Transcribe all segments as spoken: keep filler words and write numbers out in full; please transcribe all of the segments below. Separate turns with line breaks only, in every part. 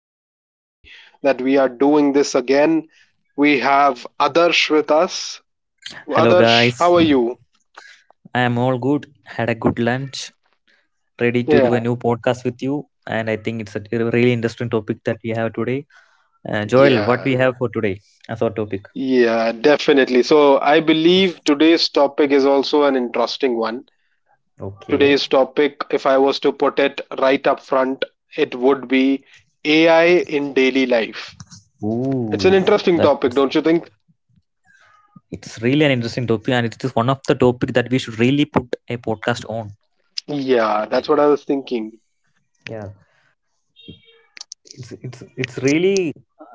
so happy that we are doing this again. We have Adarsh with us.
Hello,
Adarsh, how
guys.
are you?
I am all good. Had a good lunch. Ready to do
Yeah,
a new podcast with you. And I think it's a really interesting topic that we have today. Uh, Joel,
yeah,
what we have for today as our topic?
yeah, definitely. So, I believe today's topic is also an interesting one.
Okay.
Today's topic, if I was to put it right up front, it would be A I in daily life. It's
Ooh,
an interesting
that's
topic, don't you think?
it's really an interesting topic, and it is one of the topic that we should really put a podcast on.
Yeah, that's what I was thinking.
Yeah, it's it's it's really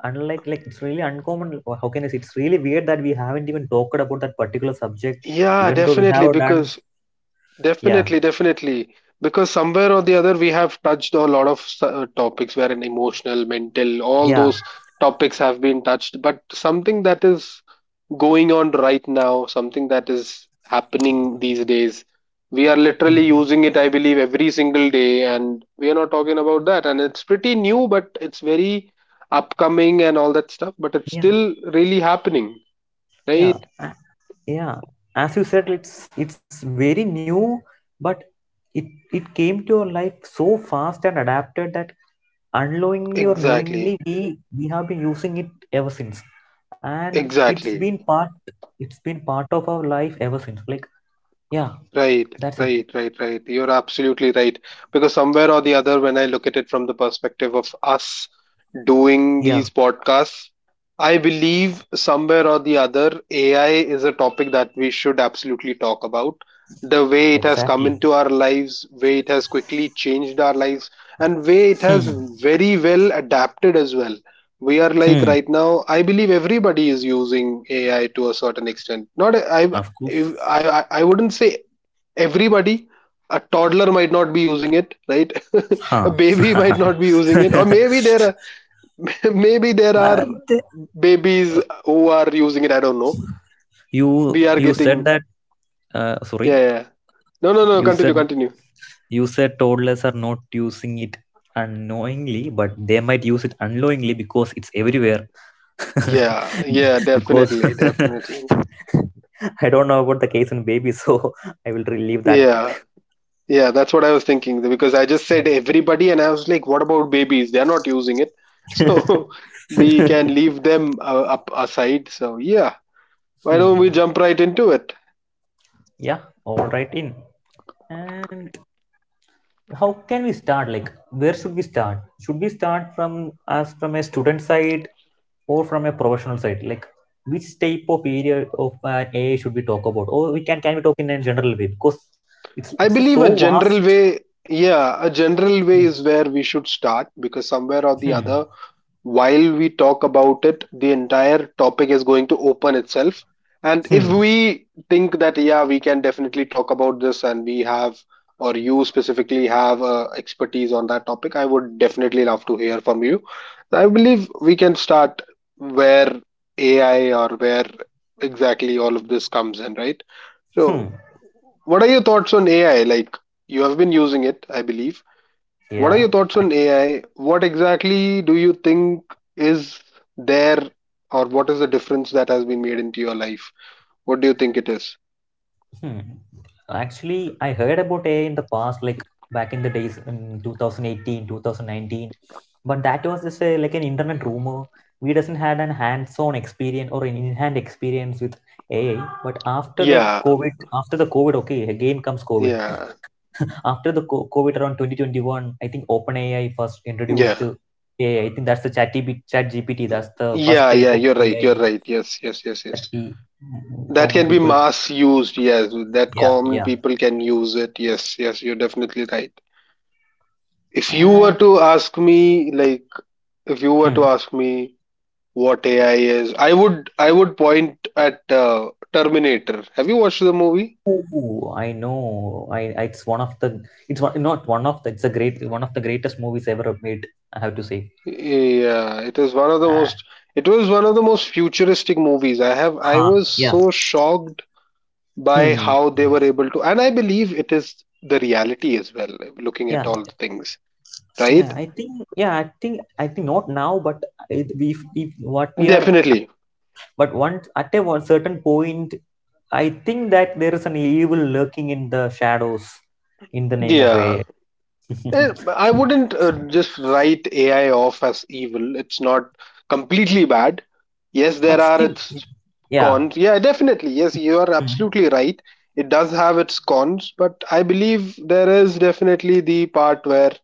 unlike like it's really uncommon. Or how can I say? It's really weird that we haven't even talked about that particular subject,
Yeah,
even though we
definitely,
have done.
because
Yeah,
definitely, definitely, because somewhere or the other we have touched a lot of s- uh, topics wherein emotional, mental, all
yeah.
those topics have been touched. But something that is going on right now, something that is happening these days, we are
Hmm.
literally using it, I believe, every single day, and we are not talking about that. And it's pretty new, but it's very upcoming and all that stuff, but it's
Yeah,
still really happening,
yeah
right?
a- yeah as you said, it's it's very new, but it it came to our life so fast and adapted that, unknowingly or knowingly, we
Exactly,
we have been using it ever since, and it's been
exactly.
part it's been part of our life ever since, like, yeah,
Right,
that's it.
right, right, right. You're absolutely right. Because somewhere or the other, when I look at it from the perspective of us
Yeah,
doing these podcasts, I believe somewhere or the other, A I is a topic that we should absolutely talk about. The way it has
exactly.
come into our lives, way it has quickly changed our lives, and way it
Hmm.
has very well adapted as well. We are like
Hmm.
right now, I believe everybody is using A I to a certain extent. Not I,
Of
I,
course.
I, I wouldn't say everybody. A toddler might not be using it, right?
Huh.
A baby might not be using it, or maybe there are maybe there are
and
babies who are using it, I don't know.
you
We are
you said
getting,
that. Uh, sorry.
yeah, yeah, no, no, no,
You
continue
said
continue
you said toddlers are not using it unknowingly, but they might use it unknowingly because it's everywhere.
Yeah, yeah,
because
definitely, definitely.
I don't know about the case in baby, so I will relieve that.
Yeah, yeah, that's what I was thinking, because I just
Yeah.
said everybody and I was like, what about babies, they're not using it. So we can leave them uh, up aside. So yeah, why don't we
Hmm.
jump right into it?
Yeah. All right. In and how can we start? Like, where should we start? Should we start from as from a student side, or from a professional side? Like, which type of area of an AI should we talk about, or we can can we talk in a general way, because it's it's
I
a so
believe a general
vast.
way, yeah, a general
Yeah.
way is where we should start, because somewhere or the
Hmm.
other, while we talk about it, the entire topic is going to open itself. And if
Hmm.
we think that, yeah, we can definitely talk about this and we have, or you specifically have uh, expertise on that topic, I would definitely love to hear from you. I believe we can start where A I, or where exactly all of this comes in, right?
Hmm.
So, what are your thoughts on A I? Like, you have been using it, I believe. What are
Yeah.
your thoughts on A I? What exactly do you think is there, or what is the difference that has been made into your life? What do you think it is?
Hmm. Actually, I heard about AI in the past, like back in the days in twenty eighteen, twenty nineteen, but that was just a, like an internet rumor. We doesn't had an hands-on experience or an in-hand experience with AI. But after the
Yeah,
COVID, after the covid okay, again comes COVID.
yeah,
after the co- COVID around twenty twenty-one, I think OpenAI first introduced
yeah.
uh, A I. I I think that's the chat, chat G P T. That's the first
Yeah,
type
yeah,
of
you're right.
A I
You're right. Yes, yes, yes,
that
yes.
we, mm,
That
common
can be
people.
mass used. Yes, that
Yeah,
common
yeah.
people can use it. Yes, yes, you're definitely right. If you were
And
to ask me, like, if you were
hmm,
to ask me what A I is, I would I would point at uh, Terminator. Have you watched the movie?
oh, I know, I, I it's one of the it's one, not one of the it's a great one of the greatest movies ever made. I have to say.
Yeah, it is one of the
Uh,
most it was one of the most futuristic movies. I have I
huh.
was
Yeah.
so shocked by
Hmm.
how they were able to, and I believe it is the reality as well looking at
Yeah.
all the things,
Yeah,
right?
I think. Yeah, I think. I think not now, but it, we, we what we are,
Definitely.
but once at a one certain point, I think that there is an evil lurking in the shadows in the name of
Yeah,
A I.
Eh, I wouldn't uh, just write A I off as evil. It's not completely bad. Yes, there
but
are
still, yeah.
its
Yeah.
cons. Yeah, definitely. Yes, you are
Hmm.
absolutely right. It does have its cons, but I believe there is definitely the part where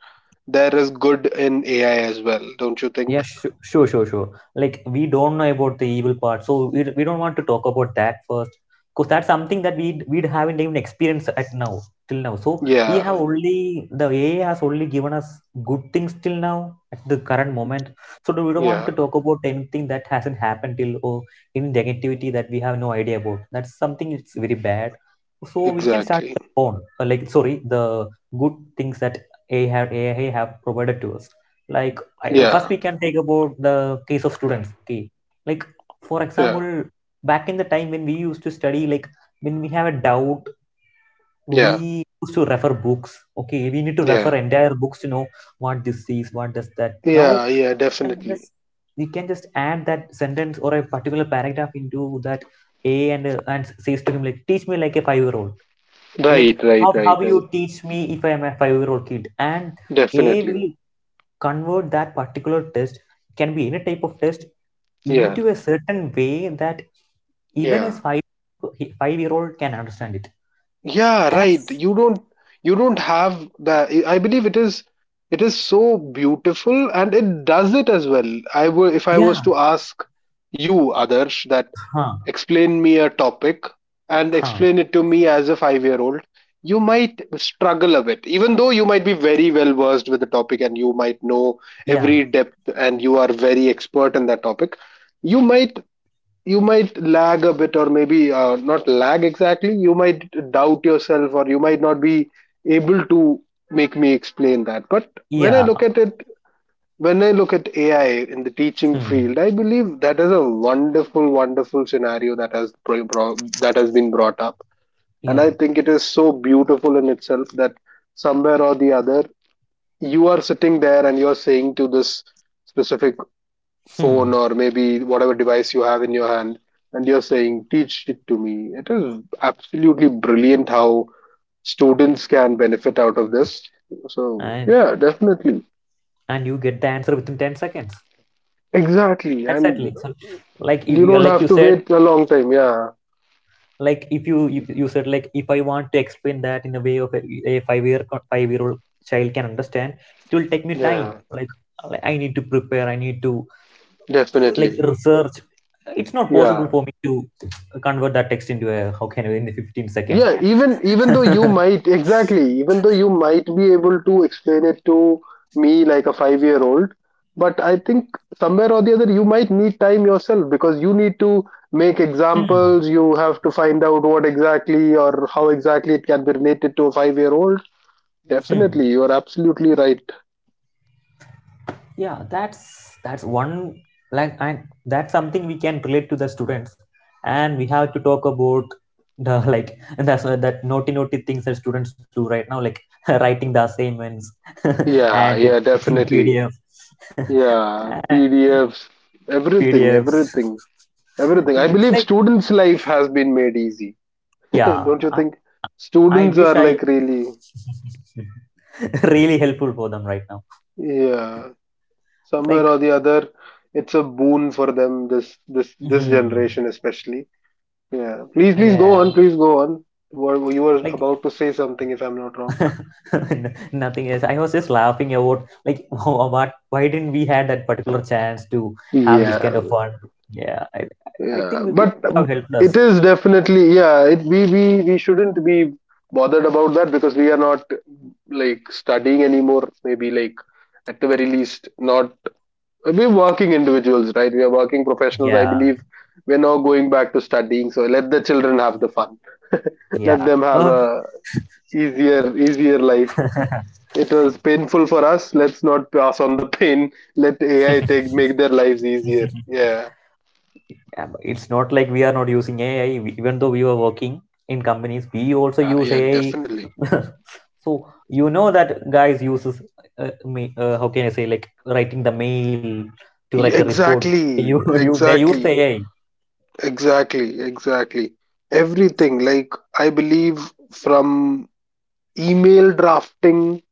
there is good in A I as well, don't you
Yeah,
think?
sure, sure, sure, sure. Like, we don't know about the evil part, so we, we don't want to talk about that first, because that's something that we we haven't even experienced at now till now. So we
Yeah,
have only, the A I has only given us good things till now at the current moment. So we don't want
yeah,
to talk about anything that hasn't happened till, or any negativity that we have no idea about. That's something, it's very bad. So we can start
exactly.
the phone, uh, like, sorry, the good things that A I have A I have provided to us, like I, uh, first,
Yeah,
we can take about the case of students. Okay, like, for
yeah,
example, back in the time when we used to study, like, when we have a doubt,
yeah,
we used to refer books. Okay, we need to
yeah,
refer entire books to know what this is, what does that. Now,
yeah, yeah,
we can
definitely.
just we can just add that sentence or a particular paragraph into that A, and uh, and says to him like, "Teach me like a five year old." Like,
Right, right,
how how
right,
you
right.
teach me if I am a five year old kid, and A I
Definitely.
will convert that particular test, can be any type of test,
Yeah,
into a certain way that even as
yeah.
five five year old can understand it.
Yeah, right.
That's
you don't you don't have the I believe it is, it is so beautiful, and it does it as well. I would If I was to
yeah,
ask you, Adarsh, that,
huh,
explain me a topic, and
huh,
explain it to me as a five year old, you might struggle a bit, even though you might be very well versed with the topic, and you might know
yeah,
every depth and you are very expert in that topic. You might, you might lag a bit, or maybe uh, not lag exactly, you might doubt yourself, or you might not be able to make me explain that. But when I
yeah,
look at it, when I look at AI in the teaching
hmm,
field, I believe that is a wonderful, wonderful scenario that has pro- bro- that has been brought up. And
yeah,
I think it is so beautiful in itself that somewhere or the other, you are sitting there and you're saying to this specific phone,
hmm.
or maybe whatever device you have in your hand, and you're saying, teach it to me. It is absolutely brilliant how students can benefit out of this. So
And
yeah, definitely.
and you get the answer within ten seconds.
Exactly. And
Exactly. So, like, if
you
you,
don't
like
have
you
to
said,
wait a long time. Yeah,
like if you, you you said, like if I want to explain that in a way of a, a five year five year old child can understand, it will take me time,
yeah,
like, like, I need to prepare, I need to, like,
definitely.
research. It's not possible
Yeah,
for me to convert that text into a how can I in the fifteen seconds.
yeah, even even though you might exactly even though you might be able to explain it to me like a five year old, but I think somewhere or the other, you might need time yourself, because you need to make
Hmm.
examples, you have to find out what exactly or how exactly it can be related to a five year old.
Hmm.
Definitely, you are absolutely right.
Yeah, that's that's one, like, and that's something we can relate to the students, and we have to talk about the like, and that's uh, that naughty naughty things that students do right now, like, writing the assignments
Yeah,
and
yeah,
creating
definitely.
pdf
Yeah, PDFs, everything,
pdfs.
everything, everything. I
It's
believe
like,
students' life has been made easy.
yeah,
Don't you
i,
think
I
students are
wish I
like really,
really helpful for them right now,
yeah, somewhere
like,
or the other, it's a boon for them, this this this
mhm,
generation especially. Yeah. Please, please go
yeah,
on, please go on. What, you were
like,
about to say something if I'm not wrong.
N- nothing else, I was just laughing about, like, what, why didn't we had that particular chance to have this kind
Yeah,
of fun, yeah, i, I
yeah.
think we could
But
have
um,
helped
it
us,
is definitely, yeah, it we we we shouldn't be bothered about that, because we are not like studying anymore, maybe like, at the very least, not. We're working individuals, right? We are working professionals. I
yeah,
believe we're now going back to studying. So let the children have the fun. Let
yeah,
them have
oh.
a easier, easier life. It was painful for us. Let's not pass on the pain. Let A I take, make their lives easier. Yeah.
Yeah, but it's not like we are not using AI, we- even though we were working in companies, we also
Yeah,
use
yeah,
AI.
definitely.
So, you know that guys uses uh, me, uh, how can I say, like writing the mail to write the report, you
Exactly.
you, they use the
Exactly.
AI.
Exactly. Exactly. Everything. Like, I believe from email drafting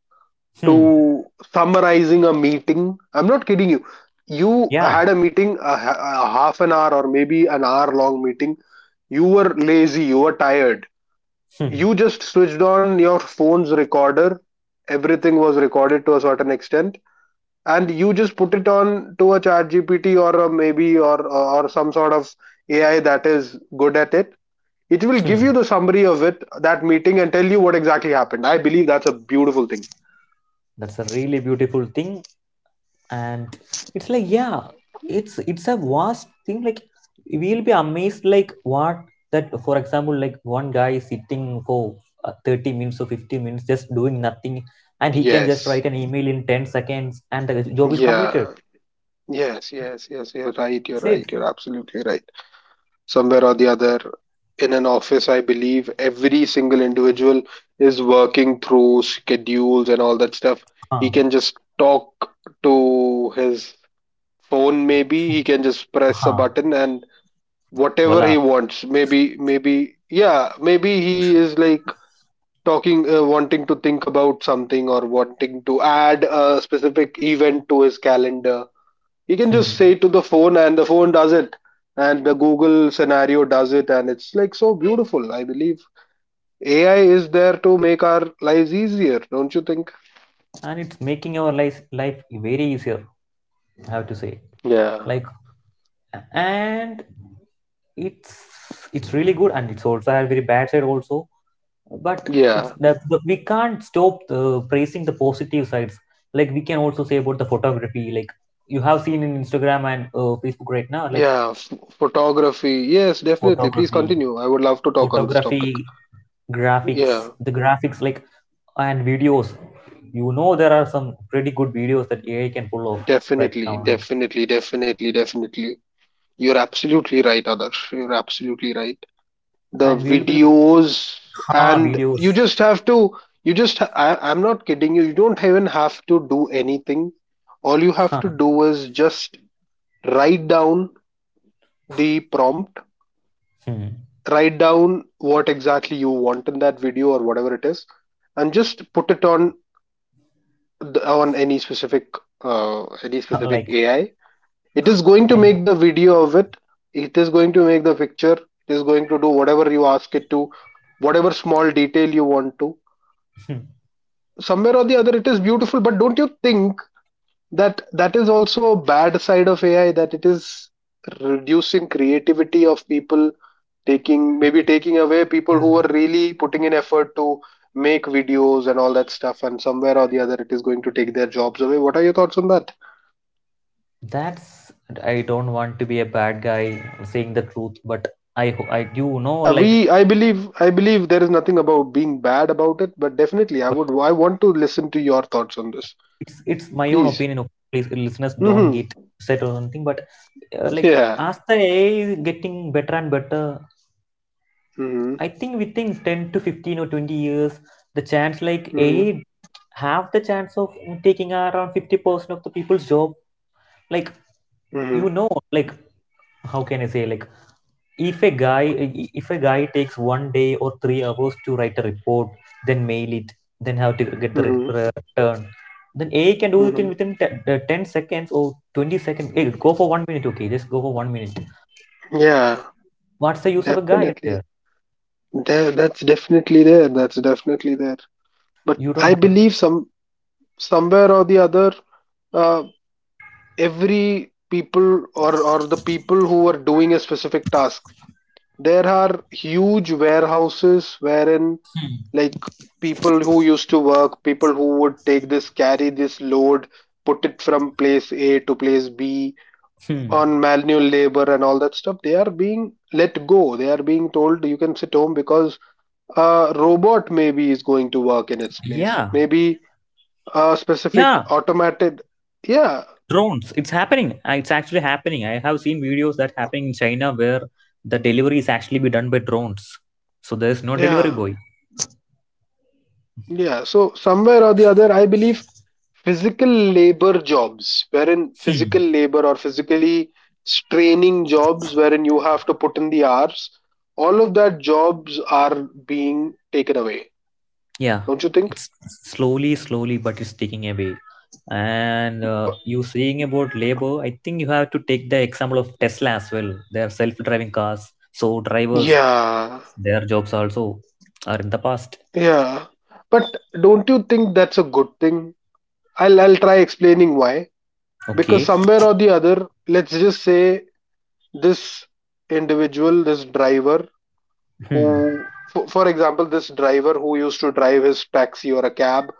Hmm.
to summarizing a meeting. I'm not kidding you. You
Yeah.
had a meeting, a, a half an hour or maybe an hour long meeting. You were lazy, you were tired.
Hmm.
You just switched on your phone's recorder. Everything was recorded to a certain extent, and you just put it on to a ChatGPT, or a maybe or or some sort of A I that is good at it. It will give
Hmm.
you the summary of it, that meeting, and tell you what exactly happened. I believe that's a beautiful thing.
That's a really beautiful thing, and it's like, yeah, it's it's a vast thing. Like, we'll be amazed, like, what, that, for example, like, one guy is sitting for uh, thirty minutes or fifty minutes, just doing nothing, and he can just write
Yes.
an email in ten seconds, and the job is completed.
Yeah. Yes, yes, yes, you're right, you're
That's it.
right, you're absolutely right. Somewhere or the other, in an office, I believe every single individual is working through schedules and all that stuff. He
Huh.
can just talk to his phone, maybe he can just press a
Huh.
button and whatever he
Voila.
wants. Maybe, maybe, yeah, maybe he is like talking, uh, wanting to think about something, or wanting to add a specific event to his calendar. You can
Hmm.
just say it to the phone and the phone does it, and the Google scenario does it, and it's like so beautiful. I believe AI is there to make our lives easier, don't you think?
And it's making our life life very easier, I have to say,
Yeah,
like, and it's it's really good, and it's also a very bad side also. But it's
yeah,
that the, we can't stop uh, praising the positive sides. Like, we can also say about the photography, like, you have seen in Instagram and uh, Facebook right now, like,
yeah. F- photography, yes, definitely, please
photography
continue. I would love to talk on this topic.
photography, graphics,
Yeah,
the graphics, like, and videos. You know, there are some pretty good videos that AI can pull off right now,
definitely,
like,
definitely, definitely, definitely. You're absolutely right, Adarsh, you're absolutely right. The
and we'll be like,
videos.
ha,
And
videos.
you just have to, you just, I, I'm not kidding you, you don't even have to do anything. All you have
Huh.
to do is just write down the prompt,
Hmm.
write down what exactly you want in that video or whatever it is, and just put it on the, on any specific, uh, any specific
Like,
AI. It is going to
I,
make the video of it, it is going to make the picture, it is going to do whatever you ask it to, whatever small detail you want to. Somewhere or the other it is beautiful, but don't you think that that is also a bad side of AI, that it is reducing creativity of people, taking, maybe taking away people who are really putting in effort to make videos and all that stuff, and somewhere or the other it is going to take their jobs away. What are your thoughts on that?
that's, I don't want to be a bad guy saying the truth, but I ho- I do know,
Yeah,
like,
we, i believe i believe there is nothing about being bad about it, but definitely i
but
would i want to listen to your thoughts on this.
it's it's my own
Please.
opinion. Okay? Please, listeners, don't
Mhm.
get upset or something. But uh, like,
Yeah.
as the A I is getting better and better,
Mhm.
I think within ten to fifteen or twenty years, the chance, like,
Mhm.
A I have the chance of taking around fifty percent of the people's job. Like, you
Mhm.
know, like, how can I say, like, if a guy if a guy takes one day or three hours to write a report, then mail it, then have to get the re-
Mhm.
return, then AI can do it in
Mhm.
within te- uh, ten seconds or twenty seconds. Hey, go for one minute, okay, just go for one minute.
Yeah,
What's the use of a guy
definitely.
there?
There, that's definitely there. That's definitely there. But
You don't
I
have.
believe some somewhere or the other, uh, every people or or the people who are doing a specific task, there are huge warehouses wherein
Hmm.
like people who used to work, people who would take this, carry this load, put it from place A to place B
Hmm.
on manual labor and all that stuff. They are being let go. They are being told you can sit home because a robot maybe is going to work in its place,
Yeah.
maybe a specific
Yeah.
automated. yeah
Drones. It's happening. Uh, It's actually happening. I have seen videos that happening in China where the delivery is actually be done by drones. So there is no delivery
yeah
boy.
yeah so somewhere or the other I believe physical labor jobs wherein physical labor or physically straining jobs wherein you have to put in the hours, all of that jobs are being taken away.
Yeah,
Don't you think?
it's slowly slowly but it's taking away. And uh, you saying about labor, I think you have to take the example of Tesla as well, their self-driving cars, so drivers,
Yeah,
their jobs also are in the past.
yeah. But don't you think that's a good thing? I'll I'll try explaining why. Because
Okay.
somewhere or the other, let's just say this individual, this driver who
Hmm.
for, for example, this driver who used to drive his taxi or a cab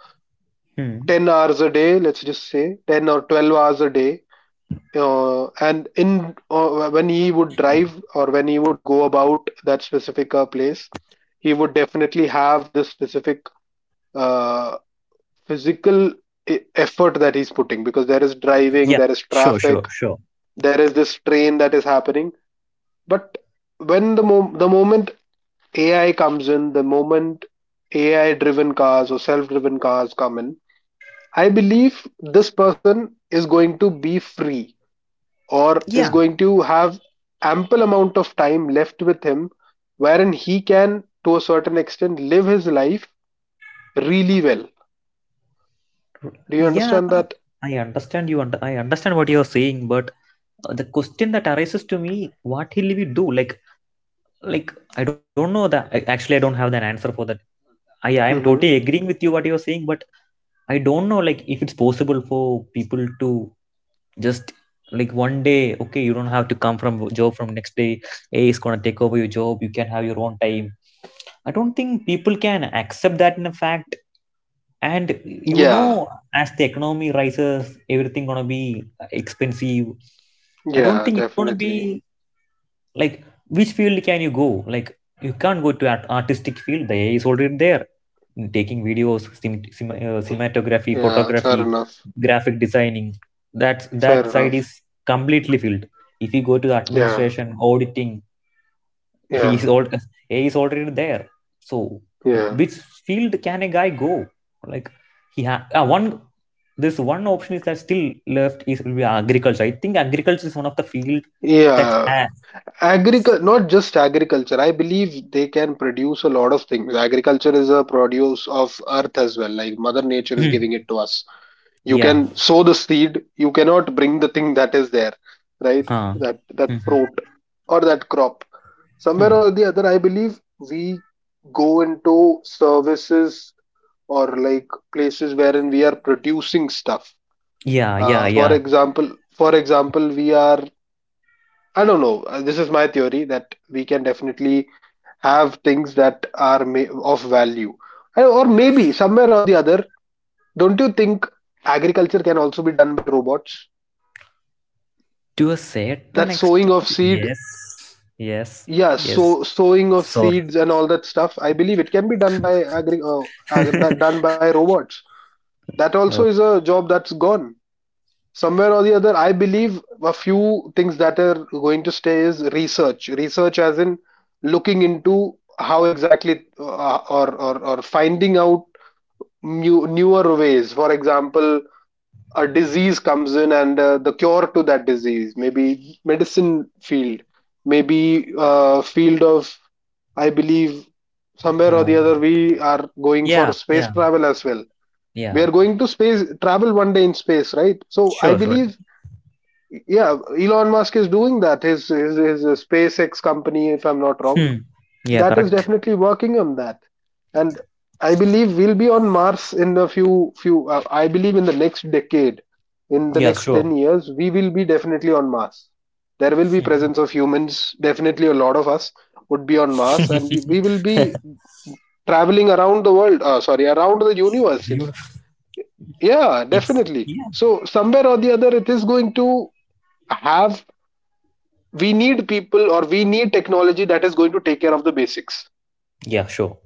Hmm.
ten hours a day, let's just say ten or twelve hours a day, uh, and in uh, when he would drive or when he would go about that specific uh, place, he would definitely have this specific uh, physical e- effort that he's putting because there is driving,
Yeah,
there is
sure, sure,
traffic,
sure.
there is this train that is happening. But when the mo- the moment A I comes in, the moment A I driven cars or self driven cars come in, I believe this person is going to be free or is
Yeah,
going to have ample amount of time left with him wherein he can to a certain extent live his life really well.
r-
Do you
yeah,
understand that?
I understand, you und- I understand what you're saying, but uh, the question that arises to me, what will we do, like, like I don't know that, I, actually I don't have an answer for that. I I am totally
Hmm.
agreeing with you what you're saying, but I don't know, like, if it's possible for people to just, like, one day, okay, you don't have to come from wo- job from next day, a is going to take over your job, you can have your own time. I don't think people can accept that in a fact. And you
Yeah,
know, as the economy rises, everything going to be expensive. I don't
yeah,
think it's going to be,
definitely.
like, which field can you go, like, you can't go to art- artistic field, the AI is already there, taking videos, cin- cin- uh, cinematography,
Yeah, fair
photography,
enough.
graphic designing, that's
Fair
that side
enough.
is completely filled. If you go to
Yeah,
administration, auditing, he
yeah,
is all AI is already there. So,
yeah.
which field can a guy go, like, he ha- ah, one, this one option is that still left is, will be agriculture. I think agriculture is one of the field that
Yeah,
has
agriculture, not just agriculture. I believe they can produce a lot of things. Agriculture is a produce of earth as well. Like Mother Nature is giving it to us. You
Yeah.
can sow the seed. You cannot bring the thing that is there, right?
Huh.
That that
Mhm.
fruit or that crop. Somewhere
Hmm.
or the other, I believe we go into services or like places wherein we are producing stuff.
Yeah, yeah,
Uh, for
yeah.
example, for example, we are, I don't know. Uh, This is my theory that we can definitely have things that are ma- of value. Uh, or maybe somewhere or the other. Don't you think agriculture can also be done by robots?
To a certain
That sowing of
extent,
seed,
yes. Yes.
yeah,
Yes.
so sowing of
Sorry.
seeds and all that stuff. I believe it can be done by agri uh, uh, do- done by robots. That also is
Oh,
a job that's gone. Somewhere or the other I believe a few things that are going to stay is research, research as in looking into how exactly uh, or, or or finding out new newer ways. For example, a disease comes in and uh, the cure to that disease, maybe medicine field, maybe uh, field of, I believe somewhere or the
no.
other we are going for
Yeah,
space
yeah,
travel as well. We
yeah.
are going to space travel one day, in space, right? So I
Sure, sure.
believe, yeah, Elon Musk is doing that. His, his his SpaceX company, if I'm not wrong,
Hmm. Yeah,
that is
correct.
definitely working on that. And I believe we'll be on Mars in a few few uh, I believe in the next decade, in the
Yeah,
next
sure.
ten years we will be definitely on Mars. There will be presence
Hmm.
of humans, definitely. A lot of us would be on Mars, and you- we will be traveling around the world, uh, sorry, around the universe. It's-
Beautiful.
yeah,
It's
definitely.
yeah.
So somewhere or the other it is going to have, we need people or we need technology that is going to take care of the basics.
Yeah, sure.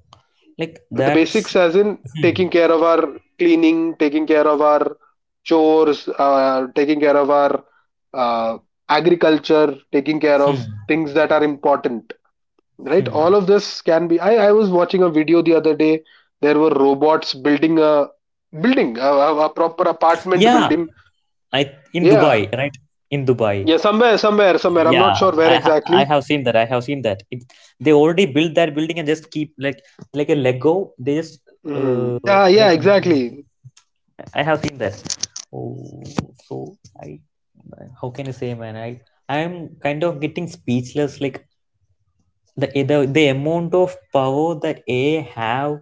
Like
The
that's
basics as in
hmm.
taking care of our cleaning, taking care of our chores, uh, taking care of our uh, agriculture, taking care of
Hmm.
things that are important, right?
Hmm.
All of this can be, I, I was watching a video the other day, there were robots building a building a, a, a proper apartment
Yeah,
building.
I in Dubai,
Yeah,
right? In Dubai.
yeah, somewhere, somewhere somewhere I'm
Yeah,
not sure where
i ha-
exactly.
I have seen that. I have seen that it, they already built that building and just keep like like a lego. They just
Hmm,
uh,
yeah, yeah,
like um,
exactly.
I have seen that. Oh, so I how can I say, man? i I'm kind of getting speechless, like the eh, the, the amount of power that AI have,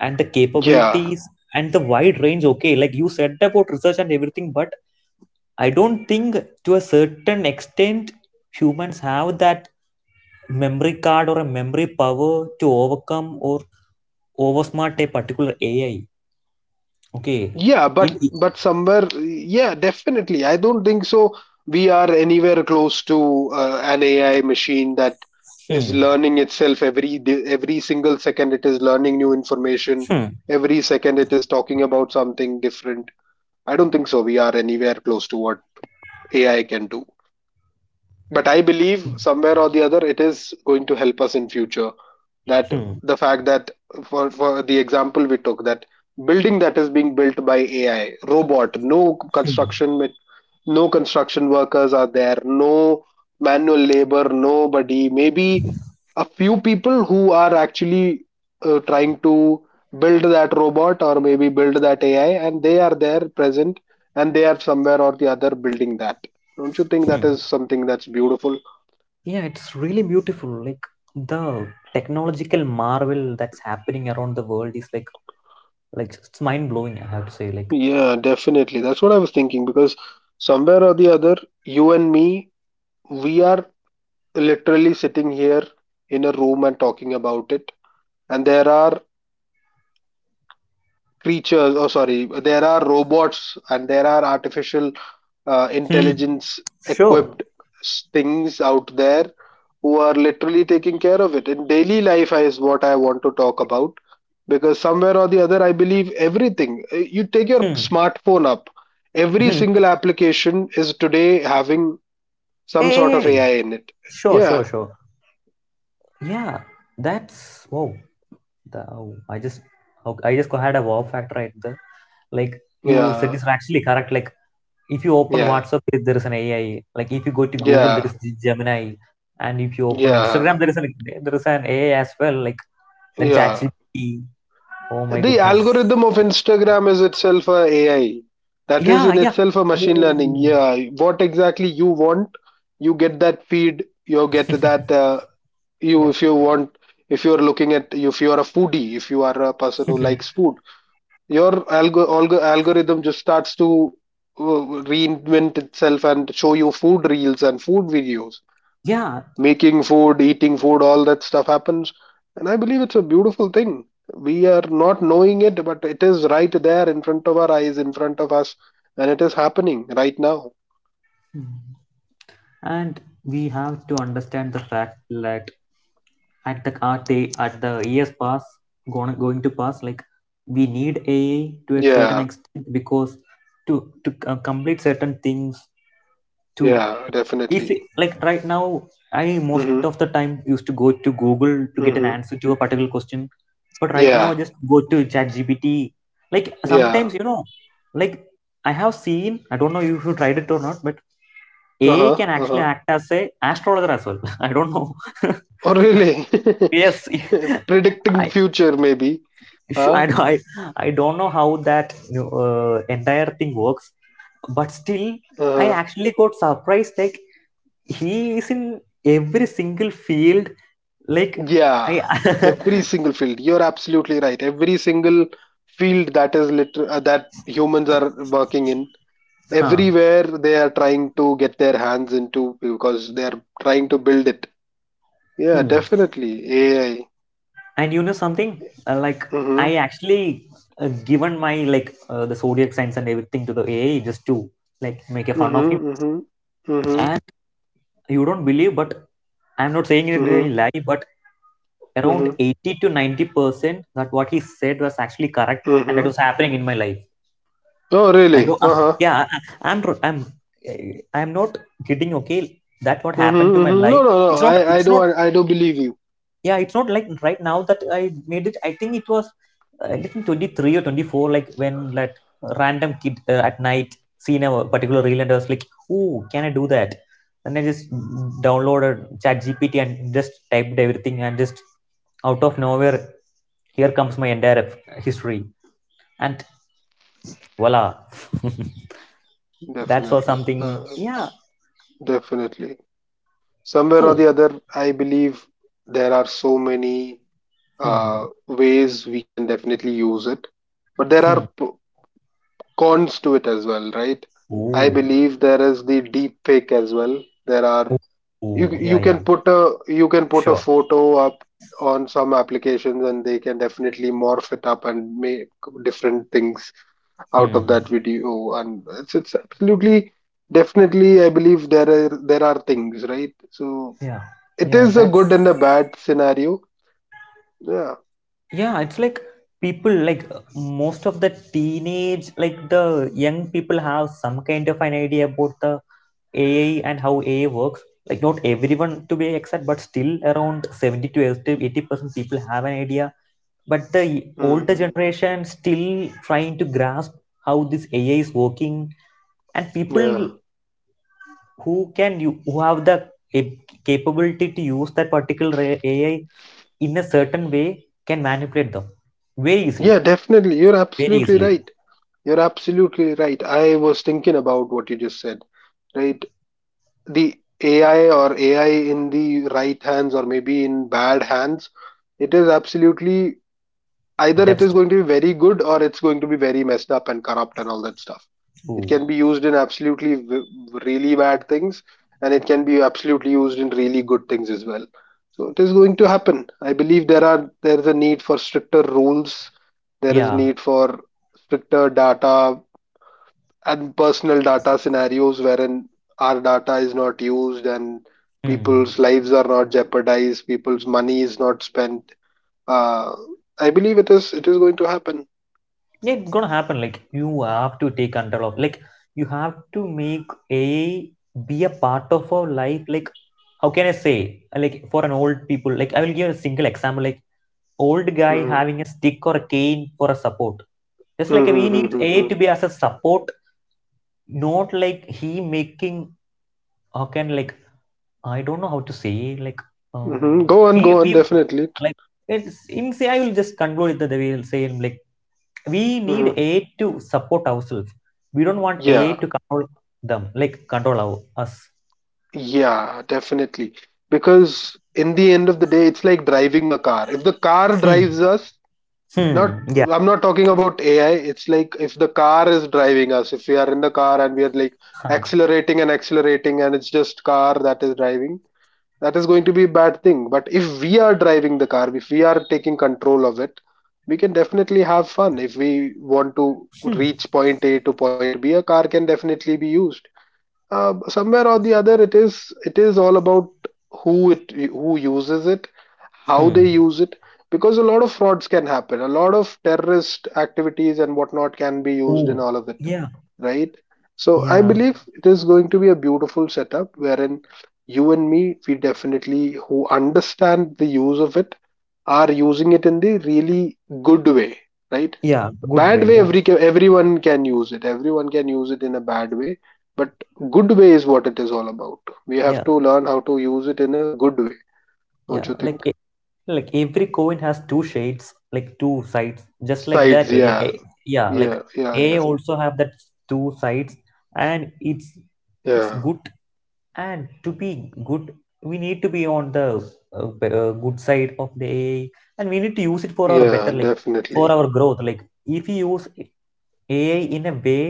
and the
Yeah.
capabilities and the wide range. Okay, like you said about research and everything, but I don't think, to a certain extent, humans have that memory card or a memory power to overcome or oversmart a particular A I. Okay.
Yeah, but
In
but somewhere, yeah, definitely. I don't think so. We are anywhere close to uh, an A I machine that is
hmm,
learning itself every day, every single second. It is learning new
hmm,
information. Every second, it is talking about something different. I don't think so. We are anywhere close to what A I can do. But I believe somewhere or the other, it is going to help us in future. That
hmm,
the fact that for for the example we took, that building that is being built by AI robot, no
hmm,
construction, no construction workers are there, no manual labor, nobody, maybe a few people who are actually uh, trying to build that robot or maybe build that AI, and they are there present, and they are somewhere or the other building that. Don't you think that
hmm.
is something that's beautiful?
Yeah, it's really beautiful. Like the technological marvel that's happening around the world is like like it's mind blowing, I have to say. Like
Yeah, definitely. That's what I was thinking because somewhere or the other, you and me, we are literally sitting here in a room and talking about it. And there are creatures, oh, sorry, there are robots and there are artificial uh,
hmm,
intelligence
sure.
equipped s- things out there who are literally taking care of it. In daily life, is what I want to talk about because somewhere or the other I believe everything. Uh, you take your
Hmm,
smartphone up, every
hmm.
single application is today having
Hey,
some sort
hey,
of
hey.
AI in it.
Sure, sure,
Yeah,
sure. Yeah, that's wow. the oh, i just how- i just had a wow factor right there. Like you said
yeah,
is actually correct. Like if you open
yeah,
WhatsApp, there there is an AI. Like if you go to Google, there
yeah,
is G- Gemini. And if you open Instagram,
yeah,
there is an there is an AI as well, like then
yeah.
ChatGPT. Oh my
The
goodness.
algorithm of Instagram is itself a AI. That is
Yeah,
in
yeah.
itself a machine learning.
Ooh.
Yeah, what exactly you want, you get that feed, you get that, uh, you,
Yeah.
if you want, if you are looking at, if you are a foodie, if you are a person who likes food, your algo- algo- algorithm just starts to uh, reinvent itself and show you food reels and food videos,
Yeah.
making food, eating food, all that stuff happens. And I believe it's a beautiful thing. We are not knowing it, but it is right there in front of our eyes, in front of us, and it is happening right now.
Mm. And we have to understand the fact that at the at the at the years pass, going going to pass, like we need A I to a certain
Yeah,
extent because to to uh, complete certain things too.
yeah,
If
definitely.
it, like right now, I most
Hmm,
of the time used to go to Google to get an
hmm.
answer to a particular question, but right now
Yeah,
I just go to ChatGPT. Like
yeah.
sometimes, you know, like I have seen, I don't know if you tried it or not, but AI
Uh-huh,
can actually
uh-huh.
act as a astrologer as well. I don't know.
Oh really?
Yes.
predicting
i
future, maybe.
sure.
Huh.
I, do- I I don't know how that, you know, uh, entire thing works, but still, I
Uh-huh.
actually got surprised. Like he is in every single field. Like I,
Yeah, every single field. You're absolutely right. Every single field that is liter- uh, that humans are working in,
huh.
everywhere they are trying to get their hands into because they are trying to build it. Yeah,
Hmm.
definitely A I.
And you know something, uh, like I
Mhm.
actually uh, given my, like, uh, the zodiac signs and everything to the A I just to like make a fun of
Mhm. Mhm. Mhm.
him. You don't believe, but I'm not saying it really
Mhm.
lie, but around
Mhm.
eighty to ninety percent that what he said was actually correct and that
Mhm.
was happening in my life.
Oh,
I
really?
don't
Uh
Uh,
huh.
yeah, I- I'm tr- I'm eh, I'm not kidding, okay, that what
Mhm.
happened to my
Mhm. No,
life.
no, no.
It's not,
I, I
it's
do,
not,
I do believe you.
yeah, it's not like right now that I made it. I think it was, uh, I think twenty-three or twenty-four, like when that random kid uh, at night seen a particular reel, and I was like, oh, can I do that? And I just downloaded chat gpt and just typed everything, and just out of nowhere, here comes my entire history, and voila. That was
Definitely.
something.
Uh,
Yeah,
definitely. Somewhere or
so
the other I believe there are so many uh,
hmm,
ways we can definitely use it. But there are
hmm.
p- cons to it as well, right? I
Oh.
believe there is the deep fake as well. There are, you
Oh yeah,
you
yeah,
can put a, you can put a
sure.
photo up on some applications and they can definitely morph it up and make different things out
Hmm.
of
Hmm.
that video. And it's, it's absolutely, definitely, I believe there are, there are things, right? So
Yeah,
it
yeah,
is a
that's
good and a bad scenario. Yeah.
yeah, it's like people, like, uh, most of the teenage, like the young people, have some kind of an idea about the A I and how A I works. Like not everyone, to be exact, but still around seventy to eighty percent people have an idea. But the older
Hmm.
generation still trying to grasp how this A I is working, and
Yeah.
people who can you who have the cap- capability to use that particular A I in a certain way can manipulate them very easily,
Yeah, definitely. You're
very
absolutely
easily.
right. You're absolutely right. I was thinking about what you just said, right? The A I or A I in the right hands or maybe in bad hands, it is absolutely, either it is
Devastating.
going to be very good or it's going to be very messed up and corrupt and all that stuff. It
Ooh.
can be used in absolutely really bad things, and it can be absolutely used in really good things as well. So it is going to happen. I believe there are, there is a need for stricter rules, there is
Yeah.
need for stricter data and personal data scenarios wherein our data is not used and
Hmm.
people's lives are not jeopardized, people's money is not spent. uh, I believe it is. It is going to happen.
Yeah, it's gonna happen. Like you have to take control of. Like you have to make a be a part of our life. Like how can I say? Like for an old people. Like I will give a single example. Like old guy
Hmm,
having a stick or a cane for a support. Just like we
hmm,
need A to
hmm.
be as a support, not like he making how can like I don't know how to say, like
Hmm,
uh,
go on,
we
go
we
on. Definitely.
like it's in, say, I will just conclude it that we will say, like, we need
Hmm.
A I to support ourselves. We don't want A I
Yeah,
to control them, like control our, us.
yeah, definitely. Because in the end of the day, it's like driving a car. If the car
Hmm.
drives us, not,
Hmm. Yeah.
I'm not talking about A I. It's like if the car is driving us, if we are in the car and we are like
Huh.
accelerating and accelerating, and it's just car that is driving, that is going to be a bad thing. But if we are driving the car, if we are taking control of it, we can definitely have fun. If we want to
Hmm.
reach point A to point B, a car can definitely be used. uh, somewhere or the other it is, it is all about who it, who uses it, how
Hmm.
they use it, because a lot of frauds can happen, a lot of terrorist activities and whatnot can be used in
Oh.
all of it,
Yeah.
right? So I
Yeah.
believe it is going to be a beautiful setup wherein you and me, we definitely who understand the use of it are using it in the really good way, right?
Yeah. Good way.
Bad way,
Yeah.
every everyone can use it. Everyone can use it in a bad way, but good way is what it is all about. We have
Yeah.
to learn how to use it in a good way, don't
Yeah.
you think?
Like like every coin has two shades, like two sides. Just like that,
Sides,
a,
yeah,
a- yeah, like
yeah, yeah, yeah,
a also have that two sides, and it's it's
yeah,
good. And to be good, we need to be on the uh, b- uh, good side of the AI, and we need to use it for our better,
yeah,
like for
definitely,
our growth. Like if you use AI in a way,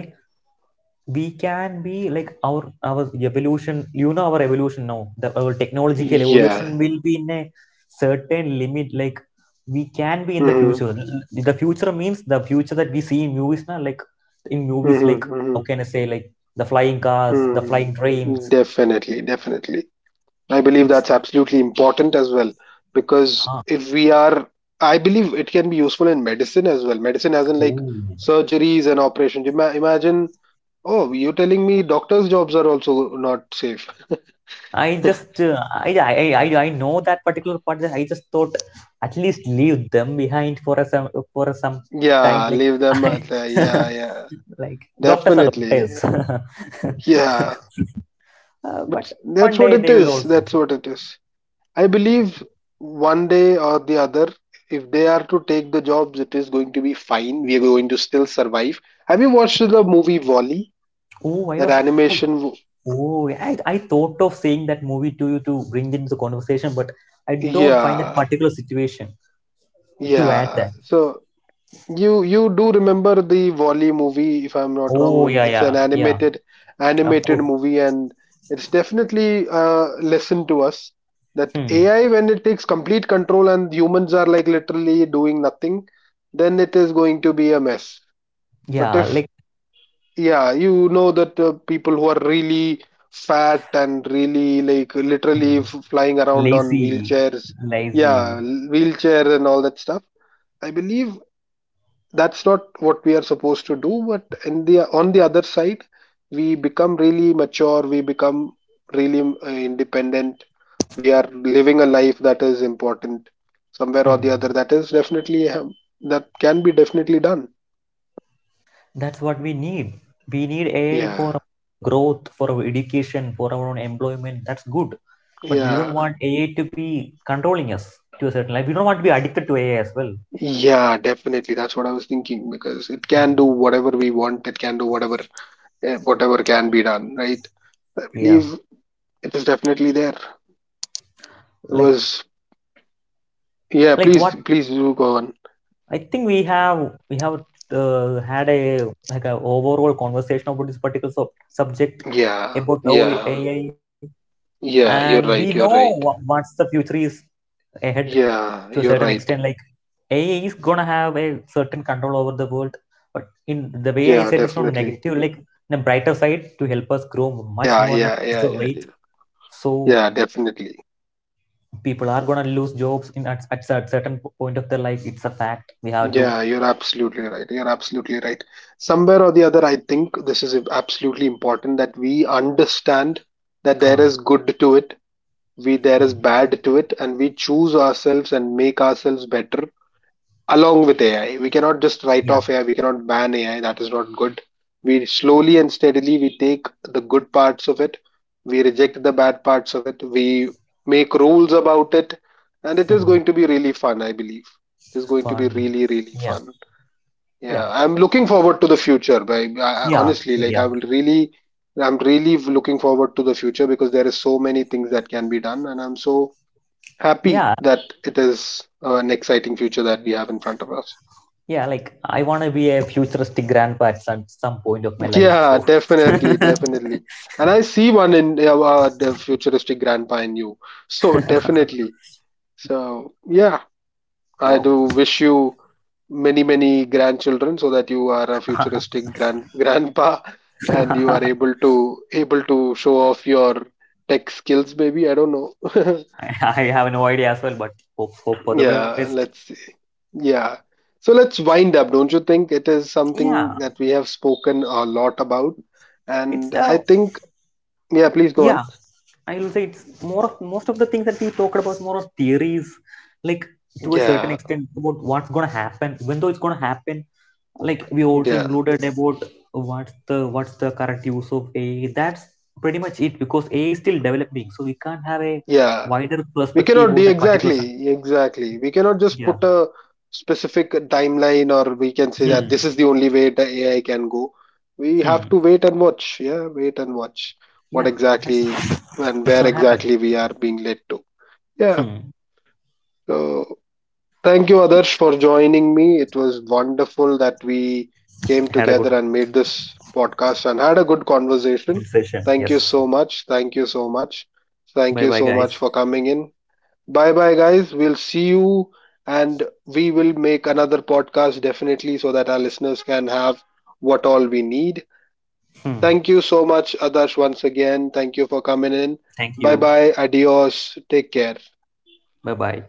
we can be like our our evolution, you know, our evolution, now the our technological
yeah.
evolution will be in a certain limit, like we can be in the
Hmm
future. The future means the future that we see in movies now, like in movies,
hmm
like how
hmm.
can I say, like the flying cars, the
Mm,
flying trains.
definitely, definitely. I believe
It's
that's absolutely important as well because
huh.
if we are, I believe it can be useful in medicine as well. Medicine as in like
Ooh.
surgeries and operations. Ima imagine, oh, you're telling me doctors' jobs are also not safe.
I just uh, I, I I I know that particular part. That I just thought, at least leave them behind for a some for a some time.
Yeah,
Like,
leave them
I,
at the, yeah, yeah,
like doctors are
definitely.
doctors.
Yeah,
Uh,
but
but
that's
one
what
day
it
they will
is.
also.
That's what it is. I believe one day or the other, if they are to take the jobs, it is going to be fine. We are going to still survive. Have you watched the movie Wall-E?
Oh, I
That
was I
animation? w-
oh I I thought of saying that movie to you to bring it into the conversation, but I don't find that
Yeah,
particular situation to add
yeah.
that.
So you you do remember the Wall-E movie, if I'm not
Oh
wrong.
yeah,
It's
yeah,
an
yeah,
animated
of
animated
course.
movie, and it's definitely a lesson to us that
Hmm.
A I, when it takes complete control and humans are like literally doing nothing, then it is going to be a mess. But
Yeah,
if,
like.
yeah, you know that uh, people who are really fat and really like literally
Hmm.
f- flying around on
Lazy,
wheelchairs, yeah,
lazy.
l- wheelchair and all that stuff. I believe that's not what we are supposed to do. But in the on the other side, we become really mature. We become really uh, independent. We are living a life that is important somewhere or the
Hmm.
other. That is definitely um, that can be definitely done.
That's what we need. We need A I for our
Yeah,
growth, for our education, for our own employment. That's good. But we
yeah.
don't want A I to be controlling us to a certain level. We don't want to be addicted to A I as well.
Yeah, definitely. That's what I was thinking because it can do
Hmm.
whatever we want. It can do whatever eh, whatever can be done, right? I
Yeah.
believe it is definitely there. It
Like
was yeah.
like
Please,
what
please do go on.
I think we have we have uh, had a, like, a overall conversation about this particular sub- subject
Yeah,
about how
yeah,
A I,
yeah.
and we
You're right.
know
You're
wha-
right.
what's the future is ahead to
Yeah,
a
you're
certain extent.
right.
Like AI is gonna have a certain control over the world, but in the way I
Yeah,
said, it's not
definitely.
negative, like in a brighter side to help us grow much
Yeah,
more in a
yeah,
faster
yeah, yeah,
rate.
yeah.
So
Yeah, definitely.
people are gonna lose jobs in at, at a certain point of their life. It's a fact, we have to
Yeah, you're absolutely right. You're absolutely right. Somewhere or the other, I think this is absolutely important that we understand that there
huh.
is good to it, we there
Hmm,
is bad to it, and we choose ourselves and make ourselves better along with A I. We cannot just write
yeah.
off A I, we cannot ban A I, that is not good. We slowly and steadily we take the good parts of it, we reject the bad parts of it, we make rules about it, and it is
Hmm,
going to be really fun, I believe. It is going to be
fun.
really, really
Yeah,
fun. Yeah,
yeah,
I'm looking forward to the future. By I, I
yeah,
honestly like I
yeah,
will really I'm really looking forward to the future because there is so many things that can be done, and I'm so happy
yeah.
that it is uh, an exciting future that we have in front of us.
Yeah, like I want to be a futuristic grandpa at some, some point of my life,
Yeah,
so
definitely, definitely. And I see one in uh, uh, the futuristic grandpa in you. So definitely. So yeah, I do wish you many many grandchildren so that you are a futuristic grand grandpa and you
oh
are able to able to show off your tech skills maybe I don't know.
I I have no idea as well, but hope, hope for the best.
Yeah, let's see. Yeah, so let's wind up. Don't you think it is something
Yeah,
that we have spoken a lot about?
it's
And I
uh,
think yeah, please go on.
yeah. I will say it's more of most of the things that we talked about is more of theories, like, to a certain
Yeah,
extent about what's gonna happen. Even though it's gonna happen, like we also
yeah,
included about what's the what's the current use of A I. That's pretty much it because A I is still developing, so we can't have a
yeah,
wider
we
perspective
cannot
about
de-
that particular. Sub-
exactly, exactly, we cannot just
Yeah.
put a specific timeline or we can say that
Hmm.
this is the only way the A I can go. We have
Hmm.
to wait and watch. Yeah, wait and watch what
Yeah. That's it.
exactly and
It's
where
gonna happen.
exactly we are being led to. Yeah,
Hmm.
so thank you, Adarsh, for joining me. It was wonderful that we came
Had a good
together and made this podcast and had a good conversation.
conversation.
Thank you
Yes.
so much, thank you so much, thank
Bye
you
bye,
so much
guys.
for coming in. Bye bye, guys. We'll see you, and we will make another podcast definitely so that our listeners can have what all we need.
Hmm.
Thank you so much, Adarsh, once again. Thank you for coming in.
Thank
Bye
you.
bye. Adios. Take care.
Bye bye.